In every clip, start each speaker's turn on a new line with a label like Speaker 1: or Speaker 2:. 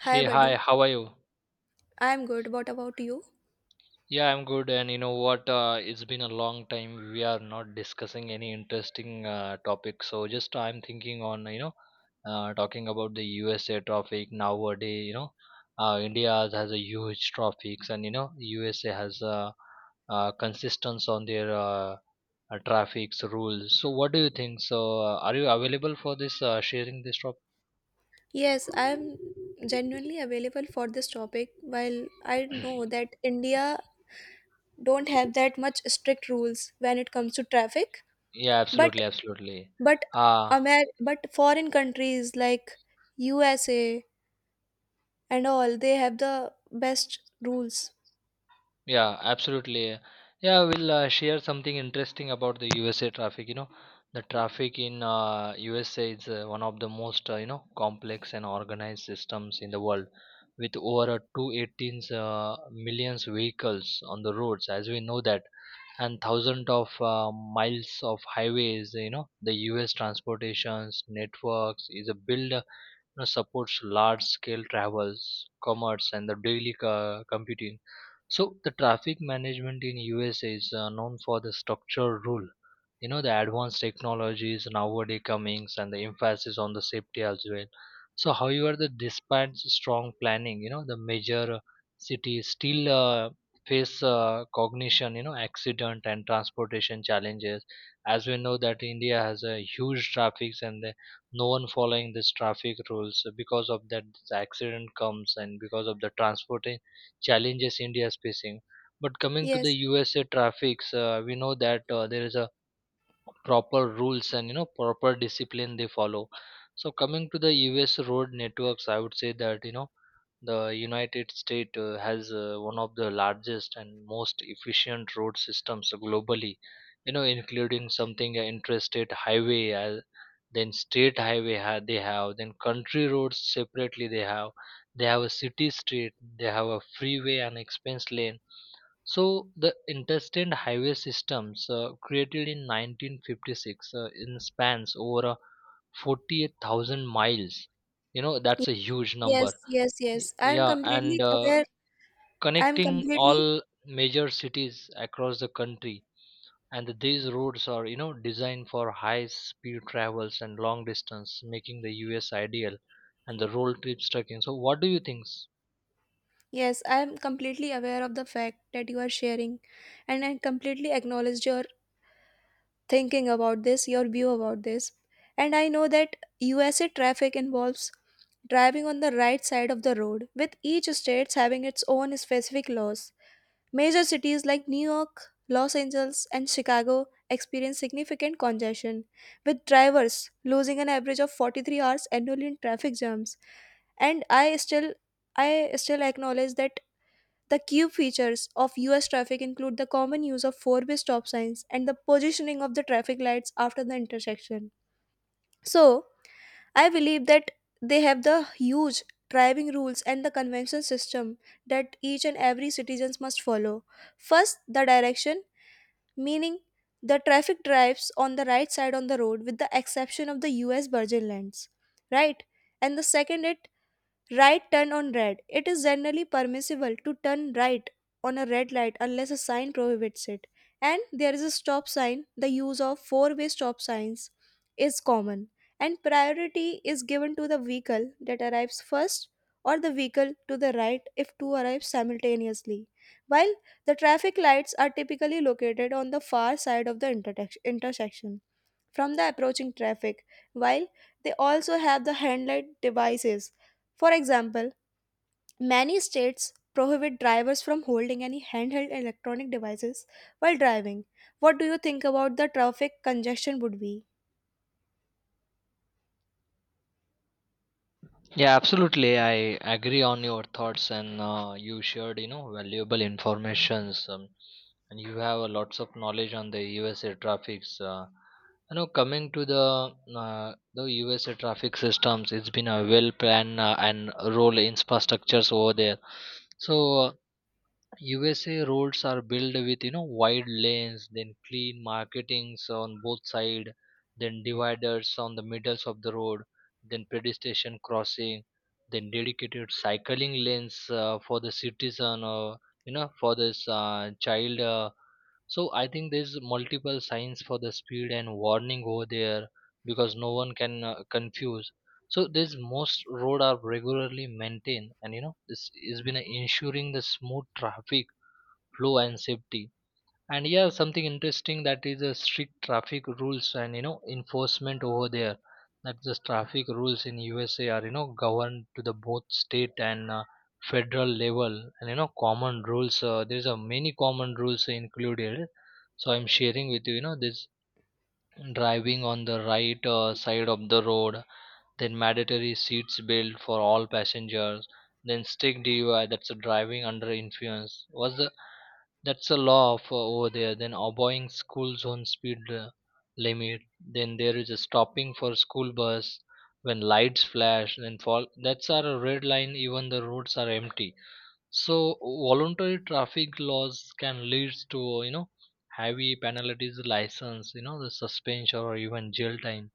Speaker 1: Hi,
Speaker 2: Hey, hi,
Speaker 1: buddy.
Speaker 2: how are you?
Speaker 1: I'm good. What about you?
Speaker 2: Yeah, I'm good. And you know what? It's been a long time. We are not discussing any interesting topic. So just I'm thinking on, you know, talking about the USA traffic nowadays, you know, India has a huge traffics and, you know, USA has a consistence on their traffic's rules. So what do you think? So are you available for this sharing this topic?
Speaker 1: Yes, I am genuinely available for this topic. While I know that India don't have that much strict rules when it comes to traffic,
Speaker 2: Yeah,
Speaker 1: but
Speaker 2: absolutely, absolutely.
Speaker 1: but
Speaker 2: Uh,
Speaker 1: but foreign countries like USA and all, they have the best rules.
Speaker 2: Yeah, absolutely. Yeah, we'll share something interesting about the USA traffic. You know, the traffic in USA is one of the most you know complex and organized systems in the world, with over 218 millions vehicles on the roads, as we know that, and thousands of miles of highways. You know, the US transportations networks is a build know, supports large scale travels, commerce, and the daily computing. So the traffic management in USA is known for the structure rule. You know the advanced technologies nowadays comings and the emphasis on the safety as well. So however, the despite strong planning, you know the major cities still face cognition, you know accident and transportation challenges. As we know that India has a huge traffic and no one following this traffic rules because of that the accident comes and because of the transport challenges india is facing but coming to the
Speaker 1: Yes.
Speaker 2: usa traffics we know that there is a proper rules and you know proper discipline they follow. So coming to the us road networks, I would say that you know the United States has one of the largest and most efficient road systems globally, you know, including something interstate highway, then state highway they have, then country roads separately they have a city street, they have a freeway and expense lane. So the interstate highway systems created in 1956 in spans over 48,000 miles. You know,
Speaker 1: Ye-
Speaker 2: that's a huge number.
Speaker 1: Yes, yes, yes. I'm
Speaker 2: Yeah, and
Speaker 1: completely aware. I'm
Speaker 2: connecting
Speaker 1: completely
Speaker 2: all major cities across the country. And these roads are, you know, designed for high speed travels and long distance, making the US ideal and the road trips trekking. So, what do you think?
Speaker 1: Yes, I am completely aware of the fact that you are sharing, and I completely acknowledge your thinking about this, your view about this. And I know that USA traffic involves driving on the right side of the road, with each state having its own specific laws. Major cities like New York, Los Angeles, and Chicago experience significant congestion, with drivers losing an average of 43 hours annually in traffic jams. And I still acknowledge that the cube features of US traffic include the common use of four-way stop signs and the positioning of the traffic lights after the intersection. So, I believe that they have the huge driving rules and the convention system that each and every citizens must follow. First, the direction, meaning the traffic drives on the right side on the road with the exception of the US virgin lands, right? And the second it Right turn on red. It is generally permissible to turn right on a red light unless a sign prohibits it. And there is a stop sign. The use of four-way stop signs is common. And priority is given to the vehicle that arrives first or the vehicle to the right if two arrive simultaneously. While the traffic lights are typically located on the far side of the intersection from the approaching traffic, while they also have the handlight devices, for example, many states prohibit drivers from holding any handheld electronic devices while driving. What do you think about the traffic congestion would be?
Speaker 2: Yeah, absolutely. I agree on your thoughts, and you shared, you know, valuable informations. And you have a lots of knowledge on the USA traffics. You know, coming to the the USA traffic systems, it's been a well planned and role infrastructures over there. So USA roads are built with you know wide lanes, then clean marketings on both side, then dividers on the middles of the road, then pedestrian crossing, then dedicated cycling lanes for the citizen or you know for this child. So I think there's multiple signs for the speed and warning over there because no one can confuse. So there's most road are regularly maintained, and you know this has been ensuring the smooth traffic flow and safety. And yeah, something interesting, that is a strict traffic rules and you know enforcement over there, that the traffic rules in usa are you know governed to the both state and federal level, and you know common rules. There's a many common rules included, so I'm sharing with you. You know this driving on the right side of the road, then mandatory seats belt for all passengers, then stick dui, that's a driving under influence was the, that's a law of, over there, then obeying school zone speed limit, then there is a stopping for school bus when lights flash, then fall that's our red line even the roads are empty. So voluntary traffic laws can lead to you know heavy penalties, license you know the suspension or even jail time.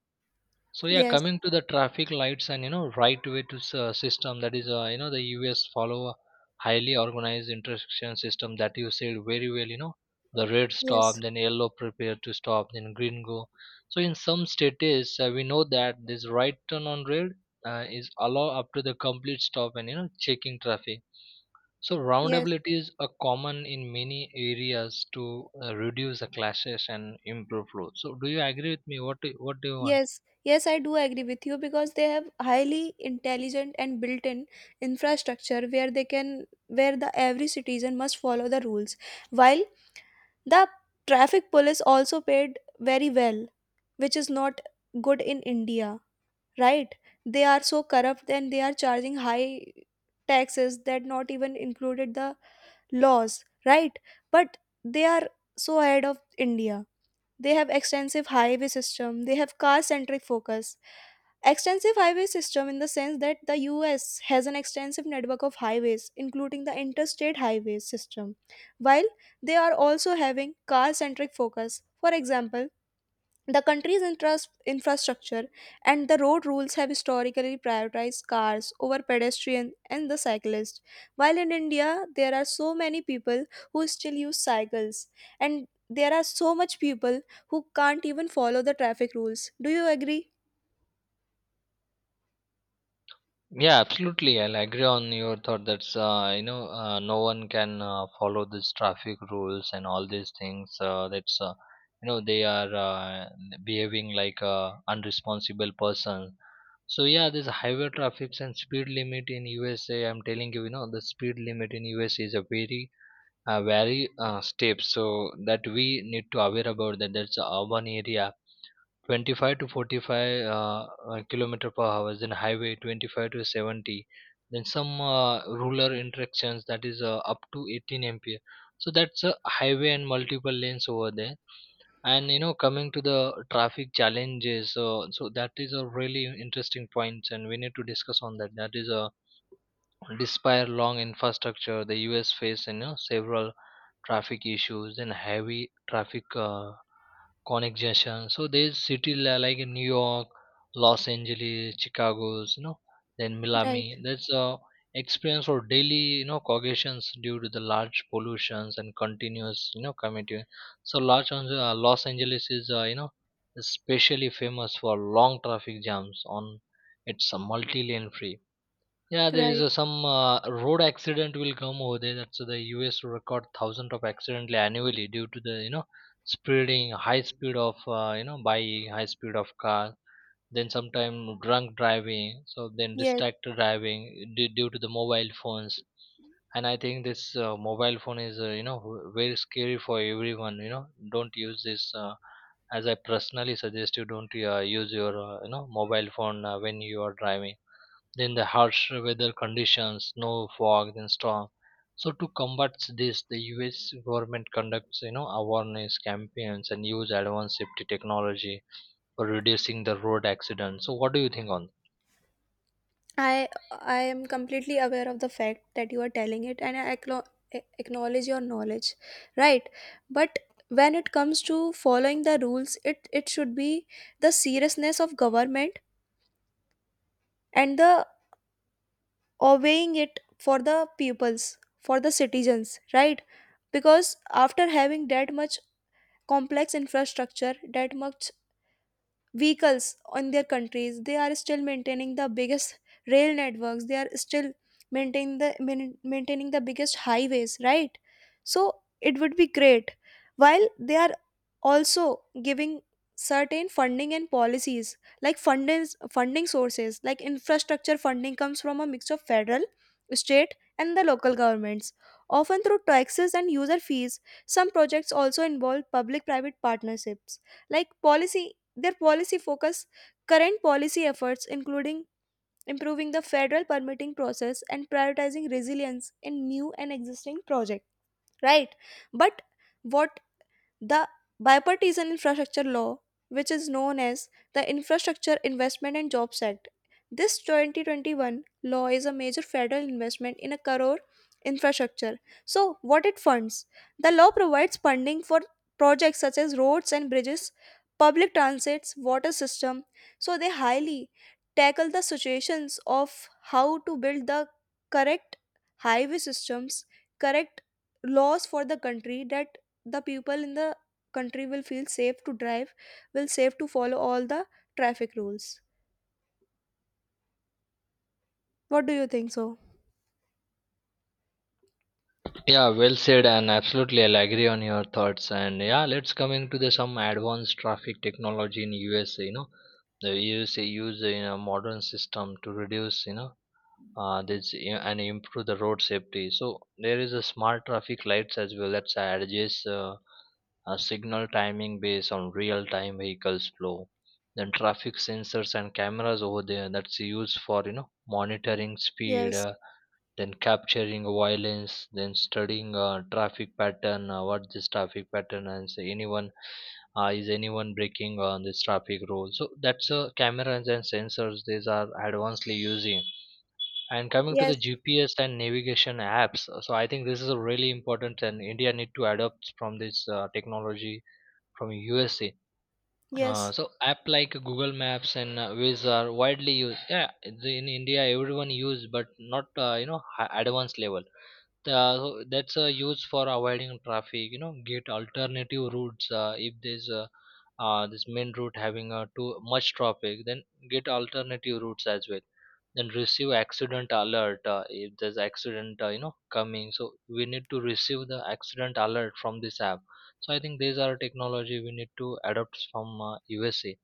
Speaker 2: So yeah,
Speaker 1: Yes,
Speaker 2: coming to the traffic lights and you know right way to system, that is you know the U.S. follow a highly organized intersection system that you said very well. You know the red stop,
Speaker 1: yes,
Speaker 2: then yellow prepare to stop, then green go. So in some states we know that this right turn on red is allowed up to the complete stop and you know checking traffic. So
Speaker 1: yes,
Speaker 2: roundability is a common in many areas to reduce the clashes and improve flow. So do you agree with me? What do you want?
Speaker 1: yes, I do agree with you because they have highly intelligent and built-in infrastructure where they can where the every citizen must follow the rules. While the traffic police also paid very well, which is not good in India. Right, they are so corrupt and they are charging high taxes that not even included the laws, right? But they are so ahead of India. They have extensive highway system, they have car centric focus. Extensive highway system in the sense that the US has an extensive network of highways including the interstate highway system, while they are also having car centric focus. For example, the country's infrastructure and the road rules have historically prioritized cars over pedestrians and the cyclist. While in India, there are so many people who still use cycles, and there are so much people who can't even follow the traffic rules. Do you agree?
Speaker 2: Yeah, absolutely. I'll agree on your thought. That's you know no one can follow these traffic rules and all these things. That's you know they are behaving like a unresponsible person. So yeah, this highway traffics and speed limit in USA. I'm telling you, you know the speed limit in USA is a very very step. So that we need to aware about that. That's a urban area 25 to 45 kilometer per hour, then highway 25 to 70, then some rural interactions, that is up to 18 mph. So that's a highway and multiple lanes over there. And you know, coming to the traffic challenges, so that is a really interesting point and we need to discuss on that. That is a despite long infrastructure the us face you know several traffic issues and heavy traffic connection. So there's city like in New York, Los Angeles, Chicago's, you know, then
Speaker 1: Right,
Speaker 2: Miami. That's experience for daily, you know, cognitions due to the large pollutions and continuous, you know, commuting. So Los Angeles is, you know, especially famous for long traffic jams on its multi-lane free. Yeah, there is
Speaker 1: right.
Speaker 2: a, some road accident will come over there. That's the U.S. record thousands of accidentally annually due to the you know speeding, high speed of car. Then sometime drunk driving, so then
Speaker 1: Yes.
Speaker 2: distracted driving due to the mobile phones. And I think this mobile phone is you know very scary for everyone. You know, don't use this. As I personally suggest, you don't use your you know mobile phone when you are driving, then the harsh weather conditions, snow, fog, then storm. So to combat this, the U.S. government conducts you know awareness campaigns and use advanced safety technology for reducing the road accidents. So what do you think on?
Speaker 1: I am completely aware of the fact that you are telling it and I acknowledge your knowledge, right? But when it comes to following the rules, it should be the seriousness of government and the obeying it for the pupils, for the citizens, right? Because after having that much complex infrastructure, that much vehicles in their countries, they are still maintaining the biggest rail networks, they are still maintaining the biggest highways, right? So it would be great while they are also giving certain funding and policies, like funding sources like infrastructure funding comes from a mix of federal, state and the local governments, often through taxes and user fees. Some projects also involve public private partnerships. Like policy, their policy focus, current policy efforts including improving the federal permitting process and prioritizing resilience in new and existing projects, right? But what, the Bipartisan Infrastructure Law, which is known as the Infrastructure Investment and Jobs Act, this 2021 law is a major federal investment in a crore infrastructure. So, what it funds? The law provides funding for projects such as roads and bridges, public transits, water system. So, they highly tackle the situations of how to build the correct highway systems, correct laws for the country, that the people in the country will feel safe to drive, will safe to follow all the traffic rules. What do you think so?
Speaker 2: Yeah, well said, and absolutely I'll agree on your thoughts. And yeah, let's come into the some advanced traffic technology in USA. You know, the USA use you know modern system to reduce you know and improve the road safety. So there is a smart traffic lights as well that adjusts a signal timing based on real time vehicles flow. Then traffic sensors and cameras over there that's used for you know monitoring speed,
Speaker 1: Yes,
Speaker 2: then capturing violence, then studying traffic pattern. What this traffic pattern and say anyone, is anyone breaking on this traffic rule. So that's cameras and sensors. These are advancedly using, and coming to the
Speaker 1: yes,
Speaker 2: GPS and navigation apps, so I think this is a really important, and India need to adopt from this technology from USA. Uh,
Speaker 1: yes,
Speaker 2: so app like Google Maps and Waze are widely used. Yeah, in India everyone use, but not you know advanced level. So that's a use for avoiding traffic. You know, get alternative routes. If there's a, this main route having too much traffic, then get alternative routes as well. Then receive accident alert if there's accident, you know, coming. So we need to receive the accident alert from this app. So I think these are technology we need to adopt from USA,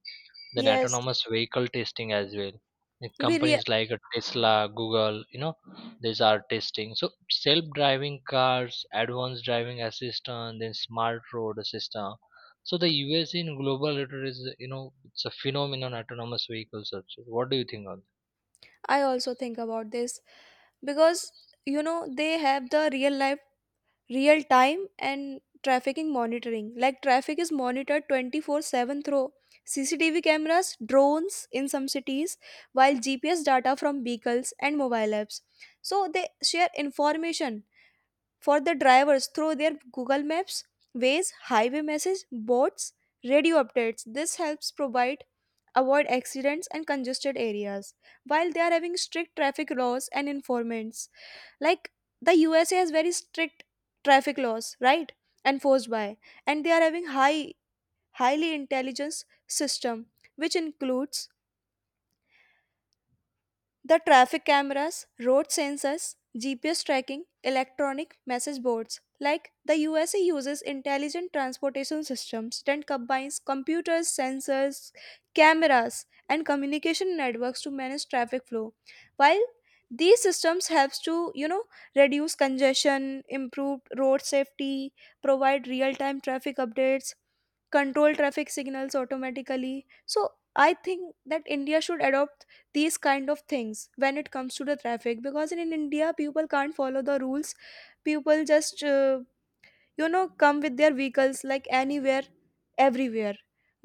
Speaker 2: then
Speaker 1: yes.
Speaker 2: autonomous vehicle testing as well. The
Speaker 1: We rea-
Speaker 2: companies like tesla, google, you know, these are testing, so self driving cars, advanced driving assistant, then smart road system. So the us in global leader is, you know it's a phenomenon autonomous vehicles also. What do you think on that?
Speaker 1: I also think about this because you know they have the real life, real time and trafficking monitoring. Like traffic is monitored 24/7 through CCTV cameras, drones in some cities, while GPS data from vehicles and mobile apps. So they share information for the drivers through their Google Maps, Waze, highway message boards, radio updates. This helps provide avoid accidents and congested areas while they are having strict traffic laws and informants. Like the USA has very strict traffic laws, right? Enforced by, and they are having highly intelligence system which includes the traffic cameras, road sensors, GPS tracking, electronic message boards. Like the USA uses intelligent transportation systems that combines computers, sensors, cameras, and communication networks to manage traffic flow. While these systems helps to reduce congestion, improve road safety, provide real-time traffic updates, control traffic signals automatically. So I think that India should adopt these kind of things when it comes to the traffic because in India people can't follow the rules. People just you know come with their vehicles like anywhere, everywhere,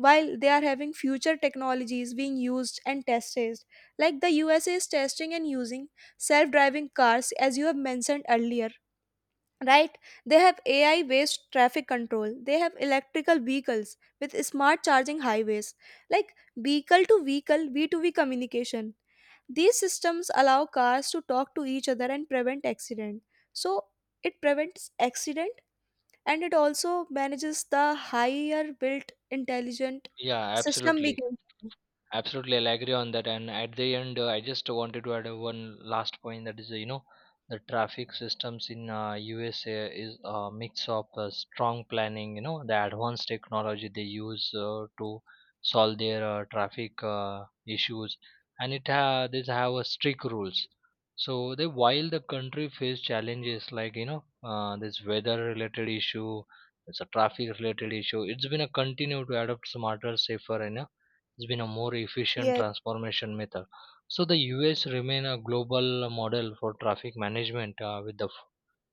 Speaker 1: while they are having future technologies being used and tested. Like the USA is testing and using self-driving cars as you have mentioned earlier, right? They have AI based traffic control, they have electrical vehicles with smart charging highways, like vehicle to vehicle V2V communication. These systems allow cars to talk to each other and prevent accident. So it prevents accident and it also manages the higher built intelligent
Speaker 2: Yeah,
Speaker 1: system we
Speaker 2: absolutely.
Speaker 1: can.
Speaker 2: Absolutely, I'll agree on that. And at the end, I just wanted to add one last point, that is, you know, the traffic systems in USA is a mix of strong planning, you know, the advanced technology they use to solve their traffic issues, and these have strict rules. So they while the country face challenges like you know this weather related issue, it's a traffic related issue. It's been a continue to adopt smarter, safer, and it's been a more efficient
Speaker 1: Yes,
Speaker 2: transformation method. So the US remain a global model for traffic management with the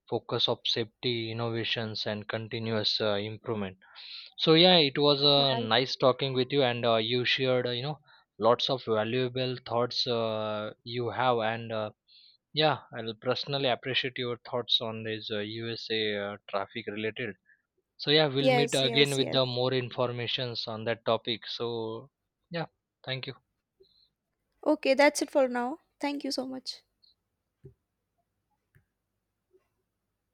Speaker 2: focus of safety innovations and continuous improvement. So yeah, it was
Speaker 1: right.
Speaker 2: nice talking with you, and you shared you know lots of valuable thoughts you have, and yeah, I'll personally appreciate your thoughts on this USA traffic related. So yeah, we'll meet
Speaker 1: Yes,
Speaker 2: again
Speaker 1: yes,
Speaker 2: with
Speaker 1: yes.
Speaker 2: the more informations on that topic. So yeah, thank you.
Speaker 1: Okay, that's it for now. Thank you so much.